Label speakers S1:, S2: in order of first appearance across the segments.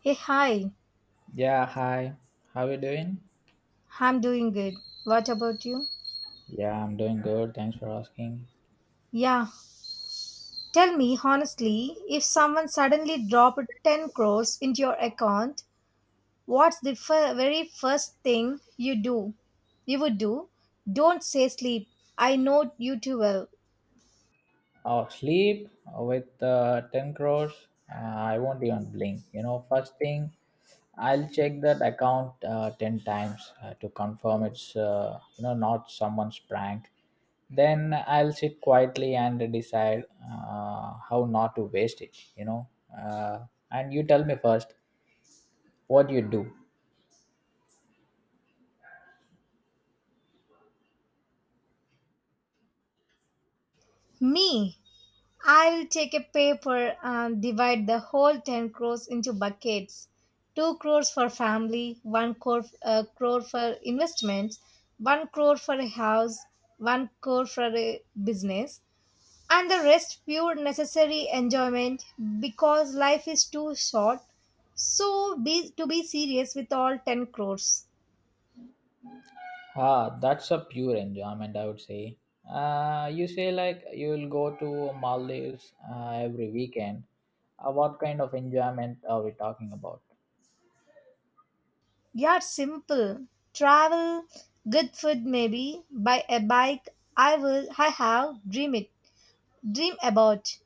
S1: Hey, hi.
S2: Yeah, hi. How you doing?
S1: I'm doing good. What about you?
S2: Yeah, I'm doing good. Thanks for asking.
S1: Yeah. Tell me honestly, if someone suddenly dropped 10 crores into your account, what's the very first thing you do? You would do? Don't say sleep. I know you too well.
S2: Oh, sleep with 10 crores. I won't even blink. You know, first thing, I'll check that account 10 times to confirm it's, you know, not someone's prank. Then I'll sit quietly and decide how not to waste it. Uh, and you tell me first what you do.
S1: Me? I will take a paper and divide the whole 10 crores into buckets. 2 crores for family, 1 crore, crore for investments, 1 crore for a house, 1 crore for a business, and the rest pure necessary enjoyment because life is too short. So be to be serious with all 10 crores.
S2: Ah, that's a pure enjoyment, I would say. You say like you will go to Maldives every weekend. What kind of enjoyment are we talking about?
S1: Yeah, it's simple. Travel, good food maybe, buy a bike. I will I have dream it. Dream about.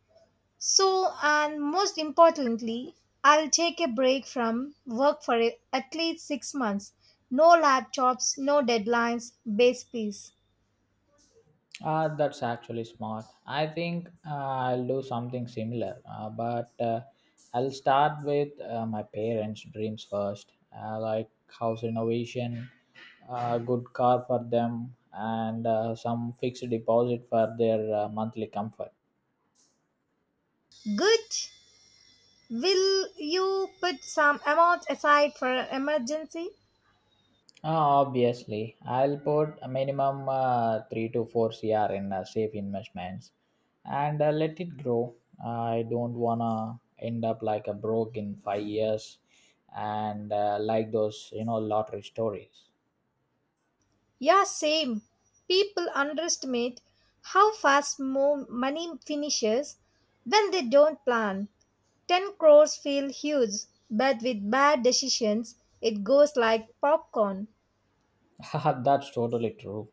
S1: So, and most importantly, I'll take a break from work for at least 6 months. No laptops, no deadlines, base peace.
S2: That's actually smart. I think I'll do something similar, but I'll start with my parents' dreams first, like house renovation, a good car for them, and some fixed deposit for their monthly comfort.
S1: Good. Will you put some amount aside for an emergency?
S2: Obviously, I'll put a minimum 3 to 4 CR in safe investments and let it grow. I don't want to end up like a broke in 5 years and like those, you know, lottery stories.
S1: Yeah, same. People underestimate how fast money finishes when they don't plan. 10 crores feel huge, but with bad decisions, it goes like popcorn.
S2: That's totally true.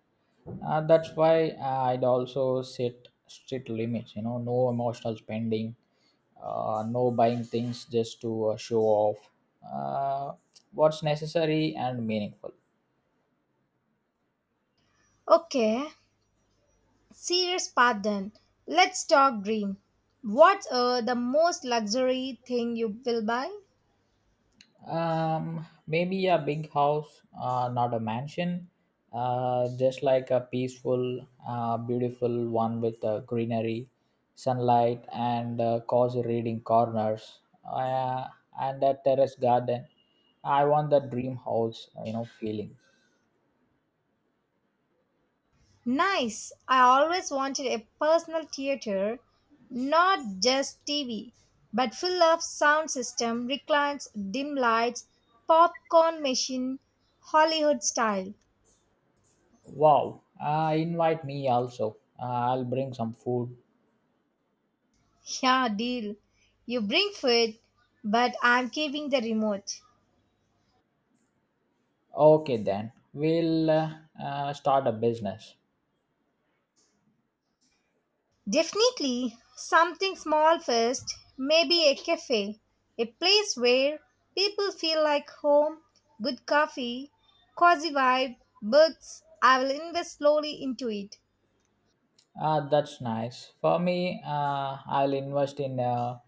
S2: That's why I'd also set strict limits, you know, no emotional spending, no buying things just to show off uh, what's necessary and meaningful.
S1: Okay, serious part then. Let's talk dream. What's the most luxury thing you will buy?
S2: Maybe a big house, not a mansion, just like a peaceful, beautiful one with greenery, sunlight, and cozy reading corners, and a terrace garden. I want the dream house, you know, feeling.
S1: Nice. I always wanted a personal theater, not just TV, but full of sound system, reclines, dim lights, popcorn machine, Hollywood style.
S2: Wow, invite me also. I'll bring some food.
S1: Yeah, deal. You bring food, but I'm keeping the remote.
S2: Okay, then we'll start a business.
S1: Definitely something small first, maybe a cafe, a place where people feel like home, good coffee, cozy vibe, books. I will invest slowly into it.
S2: Ah, that's nice. For me, I'll invest in a,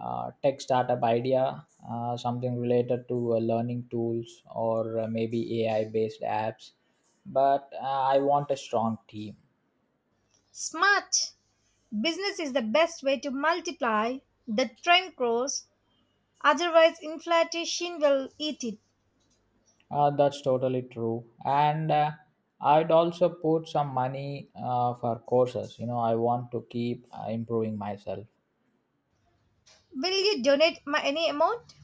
S2: uh tech startup idea, something related to learning tools or maybe AI-based apps. But I want a strong team.
S1: Smart business is the best way to multiply the trend grows, otherwise, inflation will eat it.
S2: That's totally true. And I'd also put some money for courses. You know, I want to keep improving myself.
S1: Will you donate my any amount?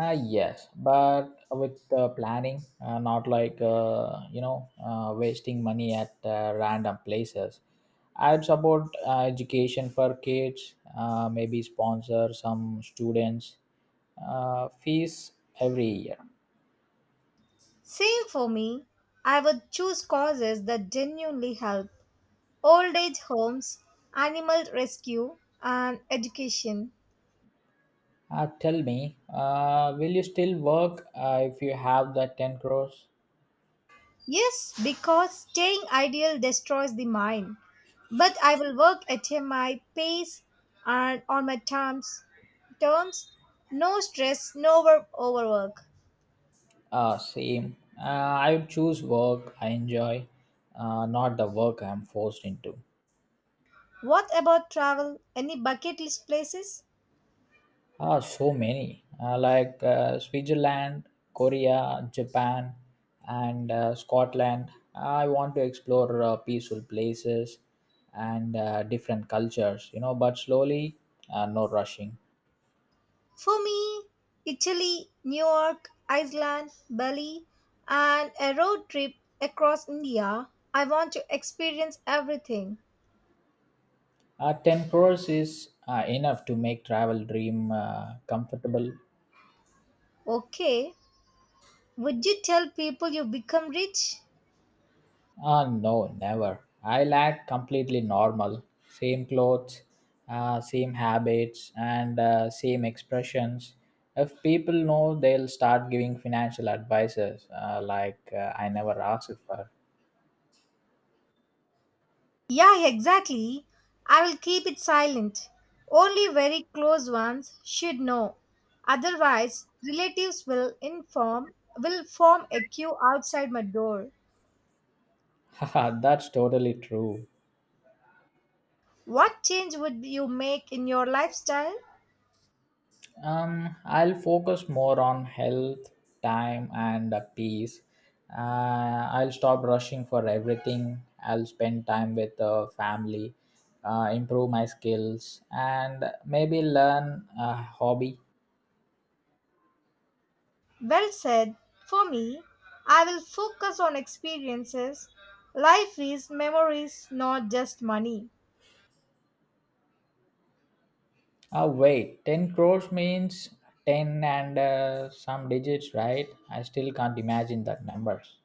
S2: Yes, but with planning, not like you know wasting money at random places. I'd support education for kids. Maybe sponsor some students' fees every year.
S1: Same for me. I would choose causes that genuinely help old age homes, animal rescue, and education.
S2: Tell me, will you still work if you have that 10 crores?
S1: Yes, because staying ideal destroys the mind. But I will work at my pace and on my terms. Terms, no stress, no work overwork.
S2: Same. Uh, I would choose work I enjoy, not the work I'm forced into.
S1: What about travel? Any bucket list places?
S2: Ah, so many like Switzerland, Korea, Japan, and Scotland. I want to explore peaceful places and different cultures, you know, but slowly, no rushing.
S1: For me, Italy, New York, Iceland, Bali, and a road trip across India. I want to experience everything.
S2: 10 crores is enough to make travel dream comfortable.
S1: Okay, would you tell people you become rich?
S2: Ah, no, never. I like completely normal. Same clothes, same habits, and same expressions. If people know, they'll start giving financial advices like I never asked for.
S1: Yeah, exactly. I will keep it silent. Only very close ones should know. Otherwise, relatives will inform will form a queue outside my door.
S2: Haha, that's totally true.
S1: What change would you make in your lifestyle?
S2: I'll focus more on health, time, and peace. I'll stop rushing for everything. I'll spend time with family, improve my skills, and maybe learn a hobby.
S1: Well said. For me, I will focus on experiences. Life is memories, not just money.
S2: Wait, 10 crores means 10 and some digits, right? I still can't imagine that numbers.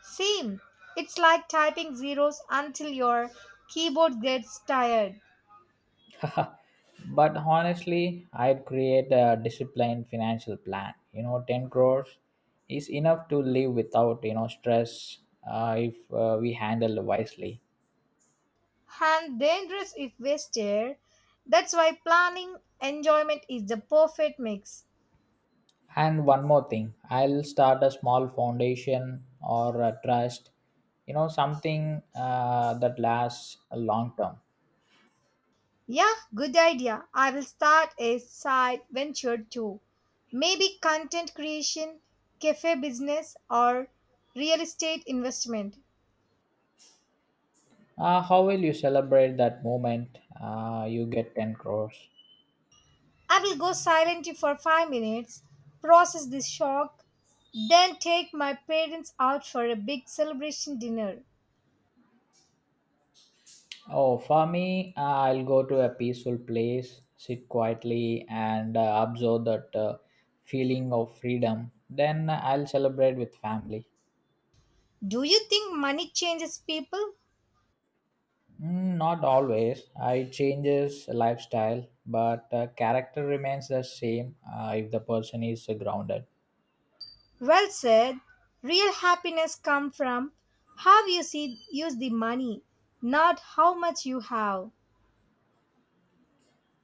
S1: Same. It's like typing zeros until your keyboard gets tired
S2: But honestly, I'd create a disciplined financial plan. You know, 10 crores is enough to live without, you know, stress, if we handle wisely.
S1: and dangerous if wasted. That's why planning enjoyment is the perfect mix.
S2: And one more thing, I'll start a small foundation or a trust, you know, something that lasts a long term.
S1: Yeah, good idea. I will start a side venture too. Maybe content creation, cafe business, or real estate investment.
S2: How will you celebrate that moment you get 10 crores?
S1: I will go silent for 5 minutes, process this shock, then take my parents out for a big celebration dinner.
S2: Oh, for me, I'll go to a peaceful place, sit quietly, and absorb that feeling of freedom. Then I'll celebrate with family.
S1: Do you think money changes people?
S2: Mm, not always. I changes lifestyle, but character remains the same if the person is grounded.
S1: Well said. Real happiness comes from how you see use the money, not how much you have.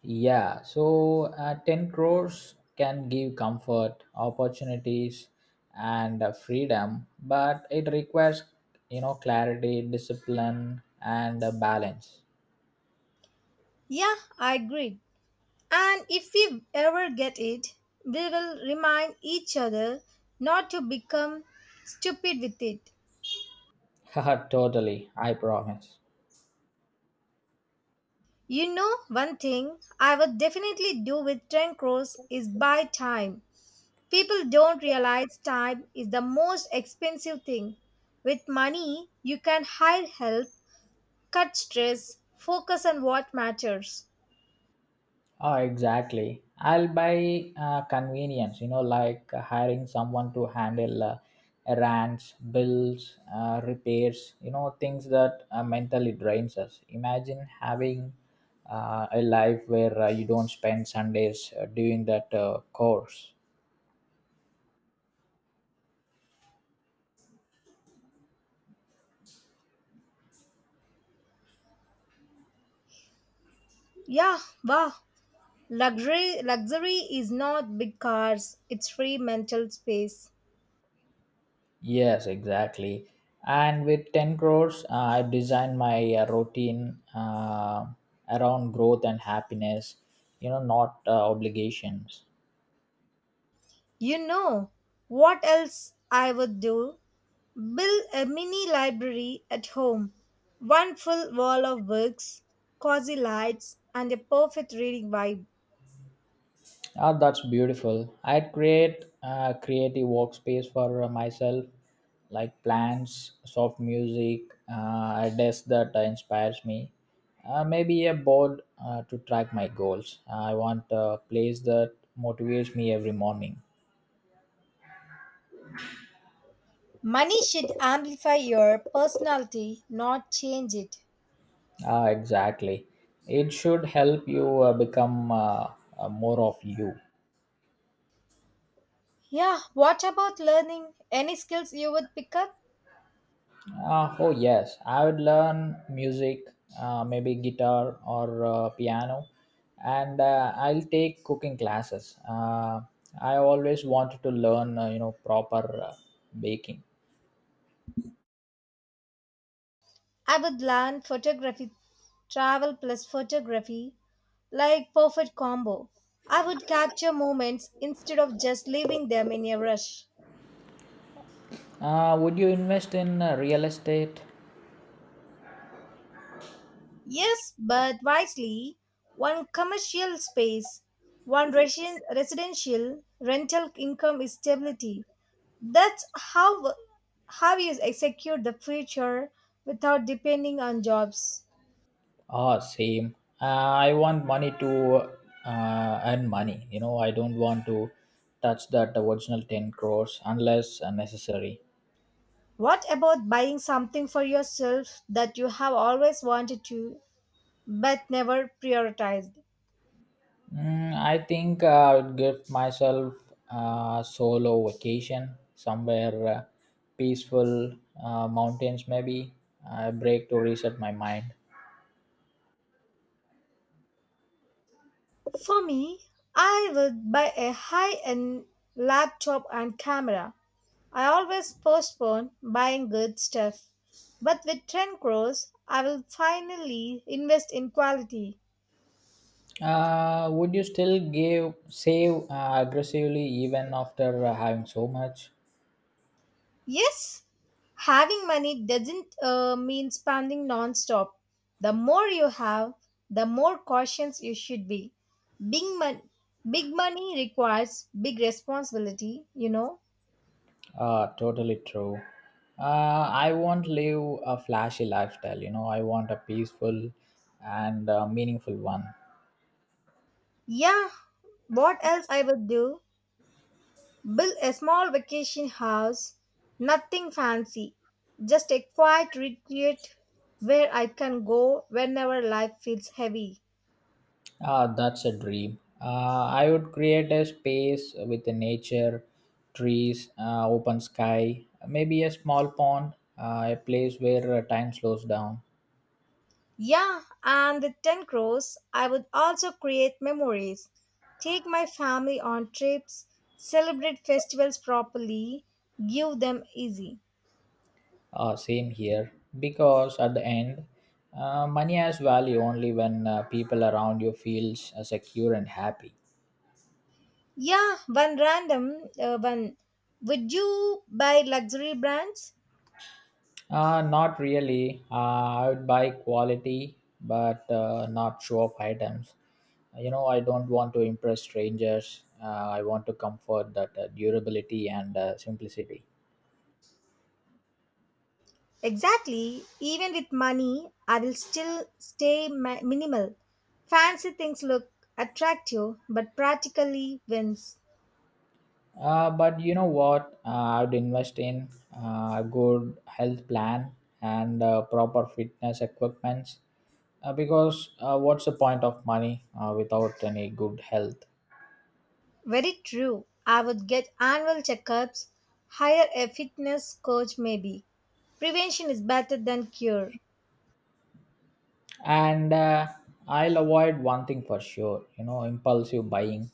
S2: Yeah, so 10 crores can give comfort, opportunities, and freedom, but it requires, you know, clarity, discipline, and balance.
S1: Yeah, I agree. And if we ever get it, we will remind each other not to become stupid with it.
S2: Haha, totally, I promise.
S1: You know, one thing I would definitely do with 10 crores is buy time. People don't realize time is the most expensive thing. With money, you can hire help, cut stress, focus on what matters.
S2: Oh, exactly. I'll buy convenience, you know, like hiring someone to handle errands, bills, repairs, you know, things that mentally drains us. Imagine having a life where you don't spend Sundays doing that course.
S1: Yeah, wow. Luxury is not big cars, it's free mental space.
S2: Yes, exactly. And with 10 crores, I designed my routine around growth and happiness, you know, not obligations.
S1: You know what else I would do? Build a mini library at home. One full wall of books, cozy lights, and a perfect reading vibe.
S2: Ah, that's beautiful. I'd create a creative workspace for myself, like plants, soft music, a desk that inspires me, maybe a board to track my goals. I want a place that motivates me every morning.
S1: Money should amplify your personality, not change it.
S2: Ah, exactly. It should help you become more of you.
S1: Yeah, what about learning? Any skills you would pick up?
S2: Oh yes, I would learn music, maybe guitar or piano, and I'll take cooking classes. I always wanted to learn, you know, proper baking.
S1: I would learn photography, travel plus photography, like perfect combo. I would capture moments instead of just leaving them in a rush.
S2: Would you invest in real estate?
S1: Yes, but wisely. One commercial space, one residential rental income is stability. That's how you secure the future without depending on jobs.
S2: Ah, same. I want money to earn money. You know, I don't want to touch that original 10 crores unless necessary.
S1: What about buying something for yourself that you have always wanted to but never prioritized?
S2: Mm, I think I would give myself a solo vacation somewhere peaceful, mountains maybe, a break to reset my mind.
S1: For me, I would buy a high-end laptop and camera. I always postpone buying good stuff, but with 10 crores, I will finally invest in quality.
S2: Would you still give save aggressively even after having so much?
S1: Yes, having money doesn't mean spending non-stop. The more you have, the more cautious you should be. Big mon- big money requires big responsibility, you know.
S2: Totally true. I won't live a flashy lifestyle. You know, I want a peaceful and meaningful one.
S1: Yeah, what else I would do? Build a small vacation house, nothing fancy, just a quiet retreat where I can go whenever life feels heavy.
S2: Ah, that's a dream. I would create a space with the nature, trees, open sky, maybe a small pond, a place where time slows down.
S1: Yeah, and with 10 crores, I would also create memories, take my family on trips, celebrate festivals properly, give them easy.
S2: Same here, because at the end, money has value only when people around you feels secure and happy.
S1: Yeah, one random one. Would you buy luxury brands?
S2: Not really. I would buy quality, but not show off items. You know, I don't want to impress strangers. I want to comfort that durability and simplicity.
S1: Exactly. Even with money, I will still stay minimal. Fancy things look attractive, but practically wins.
S2: But you know what? I would invest in a good health plan and proper fitness equipments. Because what's the point of money without any good health?
S1: Very true. I would get annual checkups, hire a fitness coach maybe. Prevention is better than cure.
S2: And I'll avoid one thing for sure, you know, impulsive buying.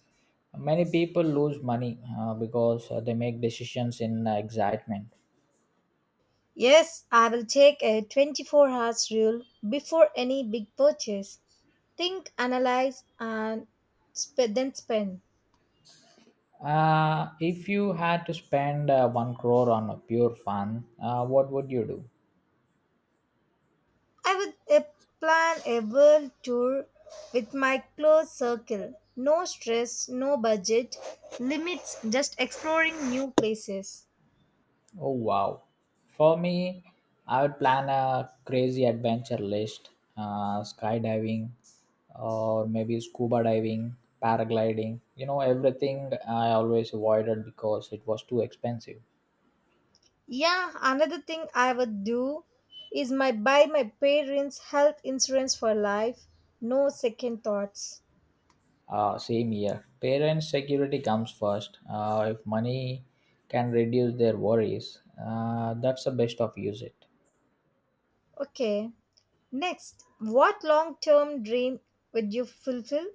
S2: Many people lose money because they make decisions in excitement.
S1: Yes, I will take a 24 hours rule before any big purchase. Think, analyze, and then spend.
S2: If you had to spend 1 crore on a pure fun, what would you do?
S1: I would plan a world tour with my close circle. No stress, no budget, limits, just exploring new places.
S2: Oh, wow. For me, I would plan a crazy adventure list, skydiving or maybe scuba diving, paragliding, you know, everything I always avoided because it was too expensive.
S1: Yeah, another thing I would do is my buy my parents' health insurance for life. No second thoughts.
S2: Same here. Parents' security comes first. If money can reduce their worries, that's the best of use it.
S1: Okay. Next, what long-term dream would you fulfill?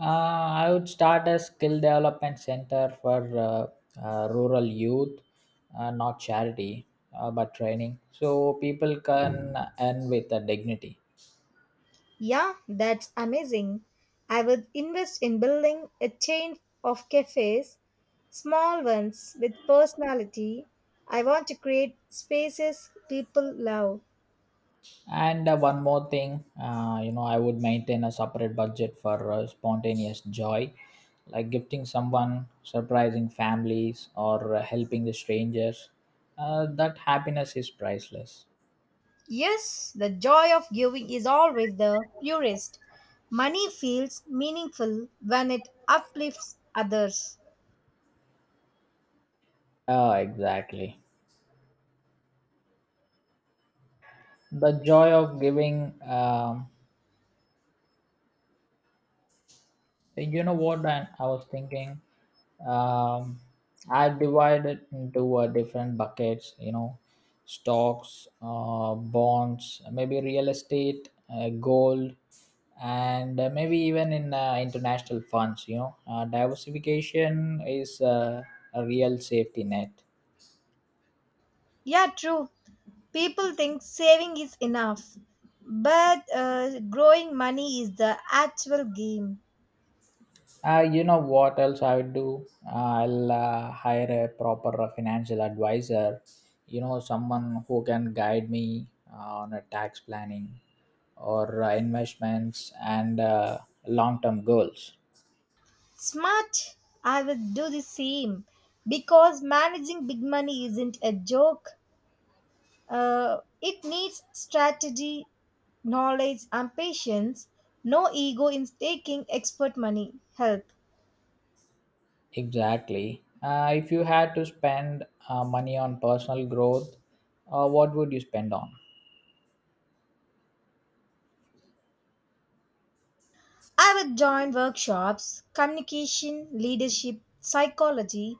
S2: I would start a skill development center for rural youth, not charity, but training, so people can earn with a dignity.
S1: Yeah, that's amazing. I would invest in building a chain of cafes, small ones with personality. I want to create spaces people love.
S2: And one more thing, you know, I would maintain a separate budget for spontaneous joy, like gifting someone, surprising families, or helping the strangers. That happiness is priceless.
S1: Yes, the joy of giving is always the purest. Money feels meaningful when it uplifts others.
S2: Oh, exactly. The joy of giving. You know what? I was thinking, um, I divided into different buckets. You know, stocks, bonds, maybe real estate, gold, and maybe even in international funds. You know, diversification is a real safety net.
S1: Yeah, true. People think saving is enough, but growing money is the actual game.
S2: You know what else I would do? I'll hire a proper financial advisor, you know, someone who can guide me on a tax planning or investments and long term goals.
S1: Smart, I will do the same because managing big money isn't a joke. It needs strategy, knowledge, and patience. No ego in taking expert money help.
S2: Exactly. If you had to spend money on personal growth, what would you spend on?
S1: I would join workshops, communication, leadership, psychology,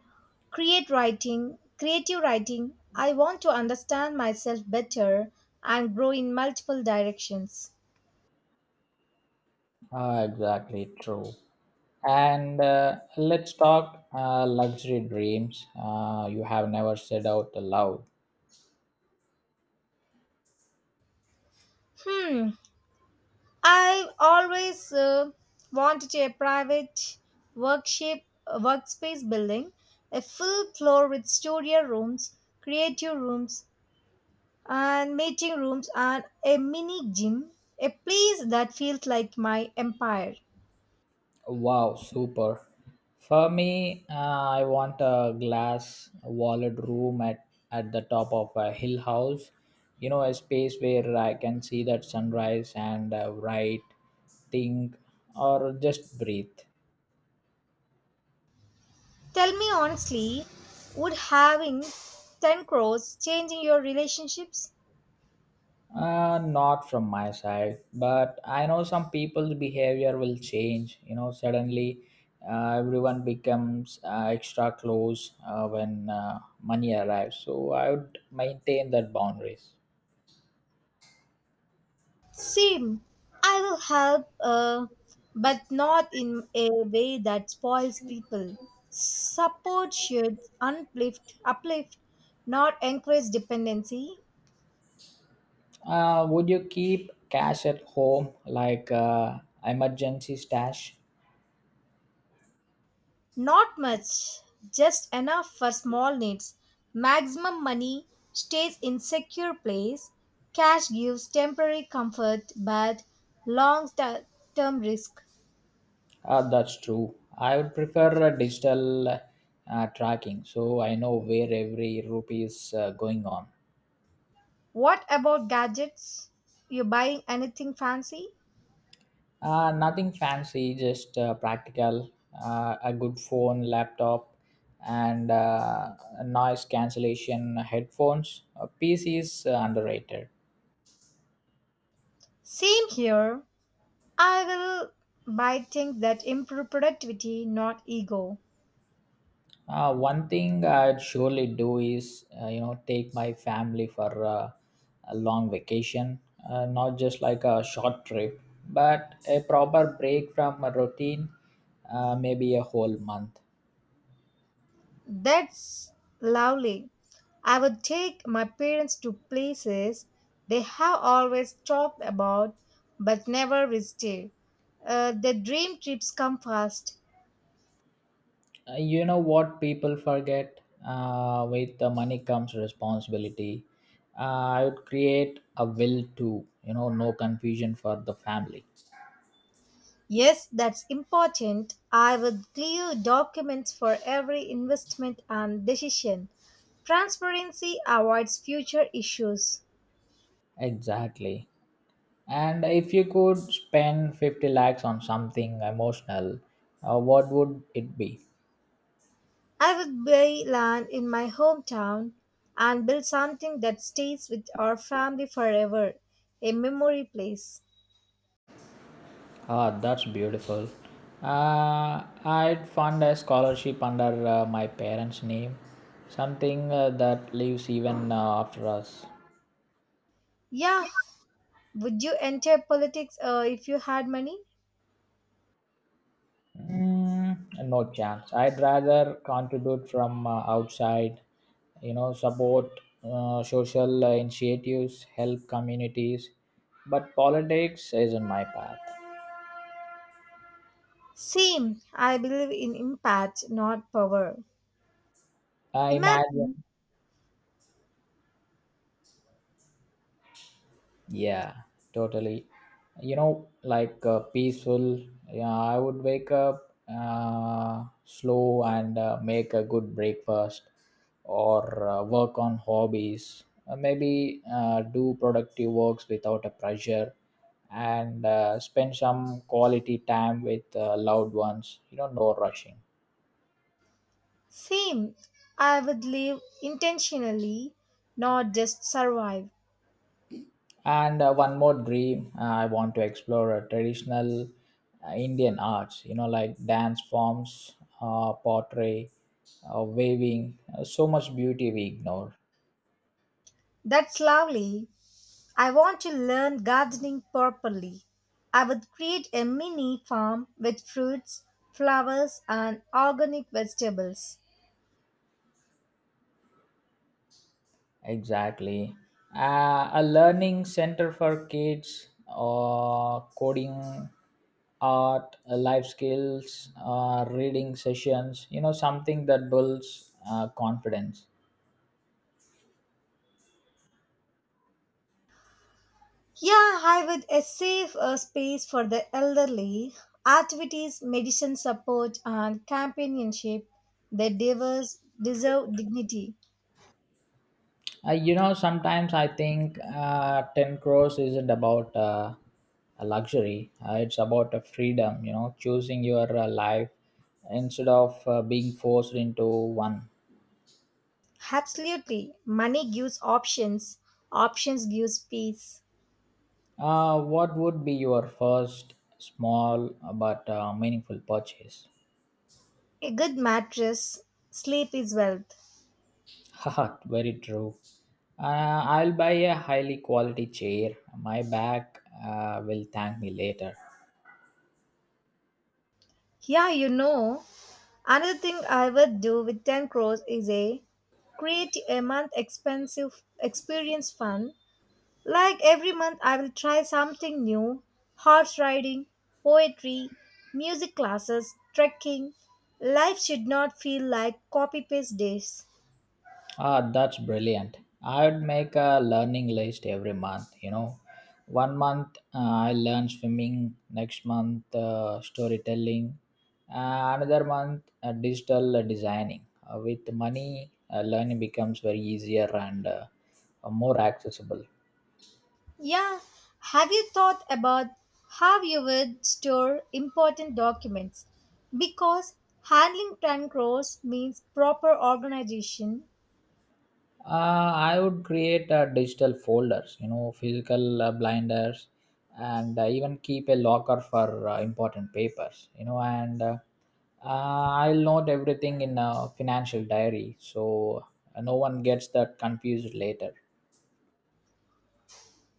S1: creative writing. I want to understand myself better and grow in multiple directions.
S2: Ah, exactly true. And let's talk luxury dreams you have never said out loud.
S1: Hmm. I always wanted a private workshop, workspace building, a full floor with studio rooms, creative rooms, and meeting rooms, and a mini gym. A place that feels like my empire.
S2: Wow, super. For me, I want a glass walled room at the top of a hill house. You know, a space where I can see that sunrise and write, think, or just breathe.
S1: Tell me honestly, would having 10 crores changing your relationships?
S2: Not from my side, but I know some people's behavior will change. You know, suddenly everyone becomes extra close when money arrives. So I would maintain that boundaries.
S1: Same. I will help, but not in a way that spoils people. Support should uplift, not encourage dependency.
S2: Would you keep cash at home, like emergency stash?
S1: Not much, just enough for small needs. Maximum money stays in secure place. Cash gives temporary comfort, but long-term risk.
S2: That's true. I would prefer a digital tracking, so I know where every rupee is going on.
S1: What about gadgets? You buying anything fancy?
S2: Nothing fancy, just practical. A good phone, laptop, and noise cancellation headphones. PC is underrated.
S1: Same here. I will buy things that improve productivity, not ego.
S2: One thing I'd surely do is, you know, take my family for a long vacation, not just like a short trip, but a proper break from a routine, maybe a whole month.
S1: That's lovely. I would take my parents to places they have always talked about but never visited. The dream trips come first.
S2: You know what people forget? With the money comes responsibility. I would create a will too. You know, no confusion for the family.
S1: Yes, that's important. I would clear documents for every investment and decision. Transparency avoids future issues.
S2: Exactly. And if you could spend 50 lakhs on something emotional, what would it be?
S1: I would buy land in my hometown and build something that stays with our family forever, a memory place.
S2: Ah, that's beautiful. I'd fund a scholarship under my parents' name, something that lives even after us.
S1: Yeah, would you enter politics if you had money?
S2: Mm, no chance. I'd rather contribute from outside, you know, support social initiatives, help communities, but politics isn't my path.
S1: Same, I believe in impact, not power.
S2: I imagine.
S1: Imagine
S2: Yeah, totally. You know, like peaceful. Yeah, I would wake up slow and make a good breakfast, or work on hobbies. Maybe do productive works without a pressure, and spend some quality time with loved ones. You know, no rushing.
S1: Same. I would live intentionally, not just survive.
S2: And one more dream, I want to explore traditional Indian arts, you know, like dance forms, pottery, weaving. So much beauty we ignore.
S1: That's lovely. I want to learn gardening properly. I would create a mini farm with fruits, flowers, and organic vegetables.
S2: Exactly, a learning center for kids, coding, art, life skills, reading sessions, you know, something that builds confidence.
S1: Yeah, I would save a space for the elderly, activities, medicine support, and companionship. The diverse deserve dignity.
S2: You know, sometimes I think 10 crores isn't about a luxury. It's about a freedom, you know, choosing your life instead of being forced into one.
S1: Absolutely. Money gives options, options gives peace.
S2: What would be your first small but meaningful purchase?
S1: A good mattress, sleep is wealth.
S2: Haha, very true. I'll buy a highly quality chair. My back will thank me later.
S1: Yeah, you know, another thing I would do with 10 crores is a create a month expensive experience fund. Like every month I will try something new, horse riding, poetry, music classes, trekking. Life should not feel like copy paste days.
S2: Ah, that's brilliant. I'd make a learning list every month. You know, one month I learn swimming, next month storytelling, another month digital designing. With money, learning becomes very easier and more accessible.
S1: Yeah, have you thought about how you would store important documents? Because handling cash means proper organization.
S2: I would create digital folders, you know, physical blinders, and even keep a locker for important papers, you know, and I'll note everything in a financial diary, so no one gets that confused later.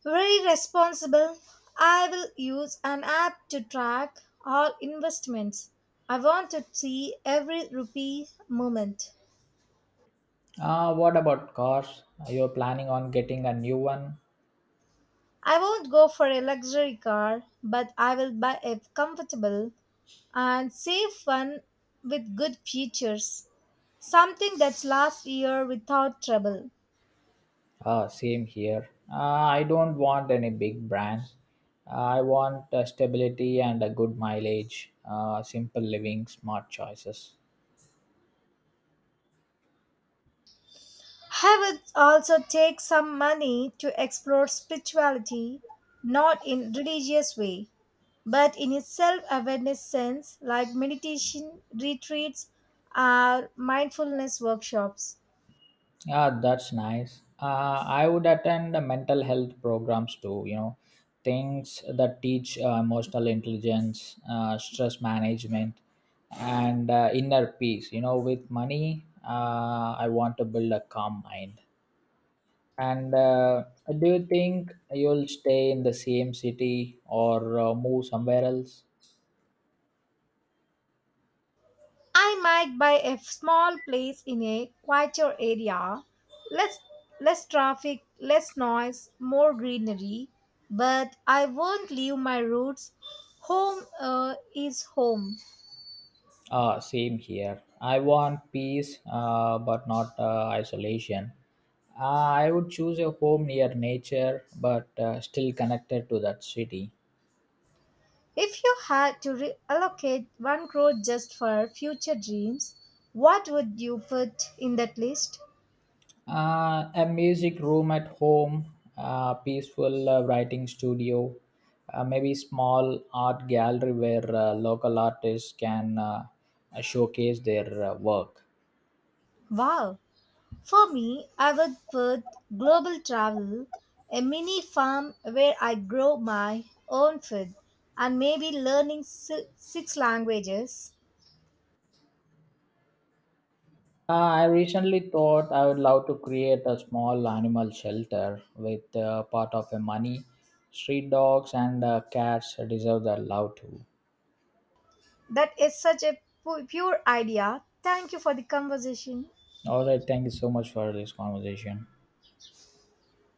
S1: Very responsible. I will use an app to track all investments. I want to see every rupee movement.
S2: What about cars? Are you planning on getting a new one?
S1: I won't go for a luxury car, but I will buy a comfortable and safe one with good features. Something that's last year without trouble.
S2: Same here. I don't want any big brand. Ah, I want stability and a good mileage, simple living, smart choices.
S1: I would also take some money to explore spirituality, not in religious way, but in a self-awareness sense, like meditation retreats or mindfulness workshops.
S2: Yeah, that's nice. I would attend the mental health programs too, you know, things that teach emotional intelligence, stress management, and inner peace. You know, with money, I want to build a calm mind. And do you think you'll stay in the same city or move somewhere else?
S1: I might buy a small place in a quieter area, less less traffic, less noise, more greenery, but I won't leave my roots. Home is home.
S2: Ah, same here. I want peace, but not isolation. I would choose a home near nature, but still connected to that city.
S1: If you had to allocate 1 crore just for future dreams, what would you put in that list?
S2: A music room at home, a peaceful writing studio, maybe small art gallery where local artists can showcase their work.
S1: Wow. For me, I would put global travel, a mini farm where I grow my own food, and maybe learning six languages.
S2: I recently thought I would love to create a small animal shelter with part of the money. Street dogs and cats deserve their love too.
S1: That is such a pure idea. Thank you for the conversation.
S2: All right, thank you so much for this conversation.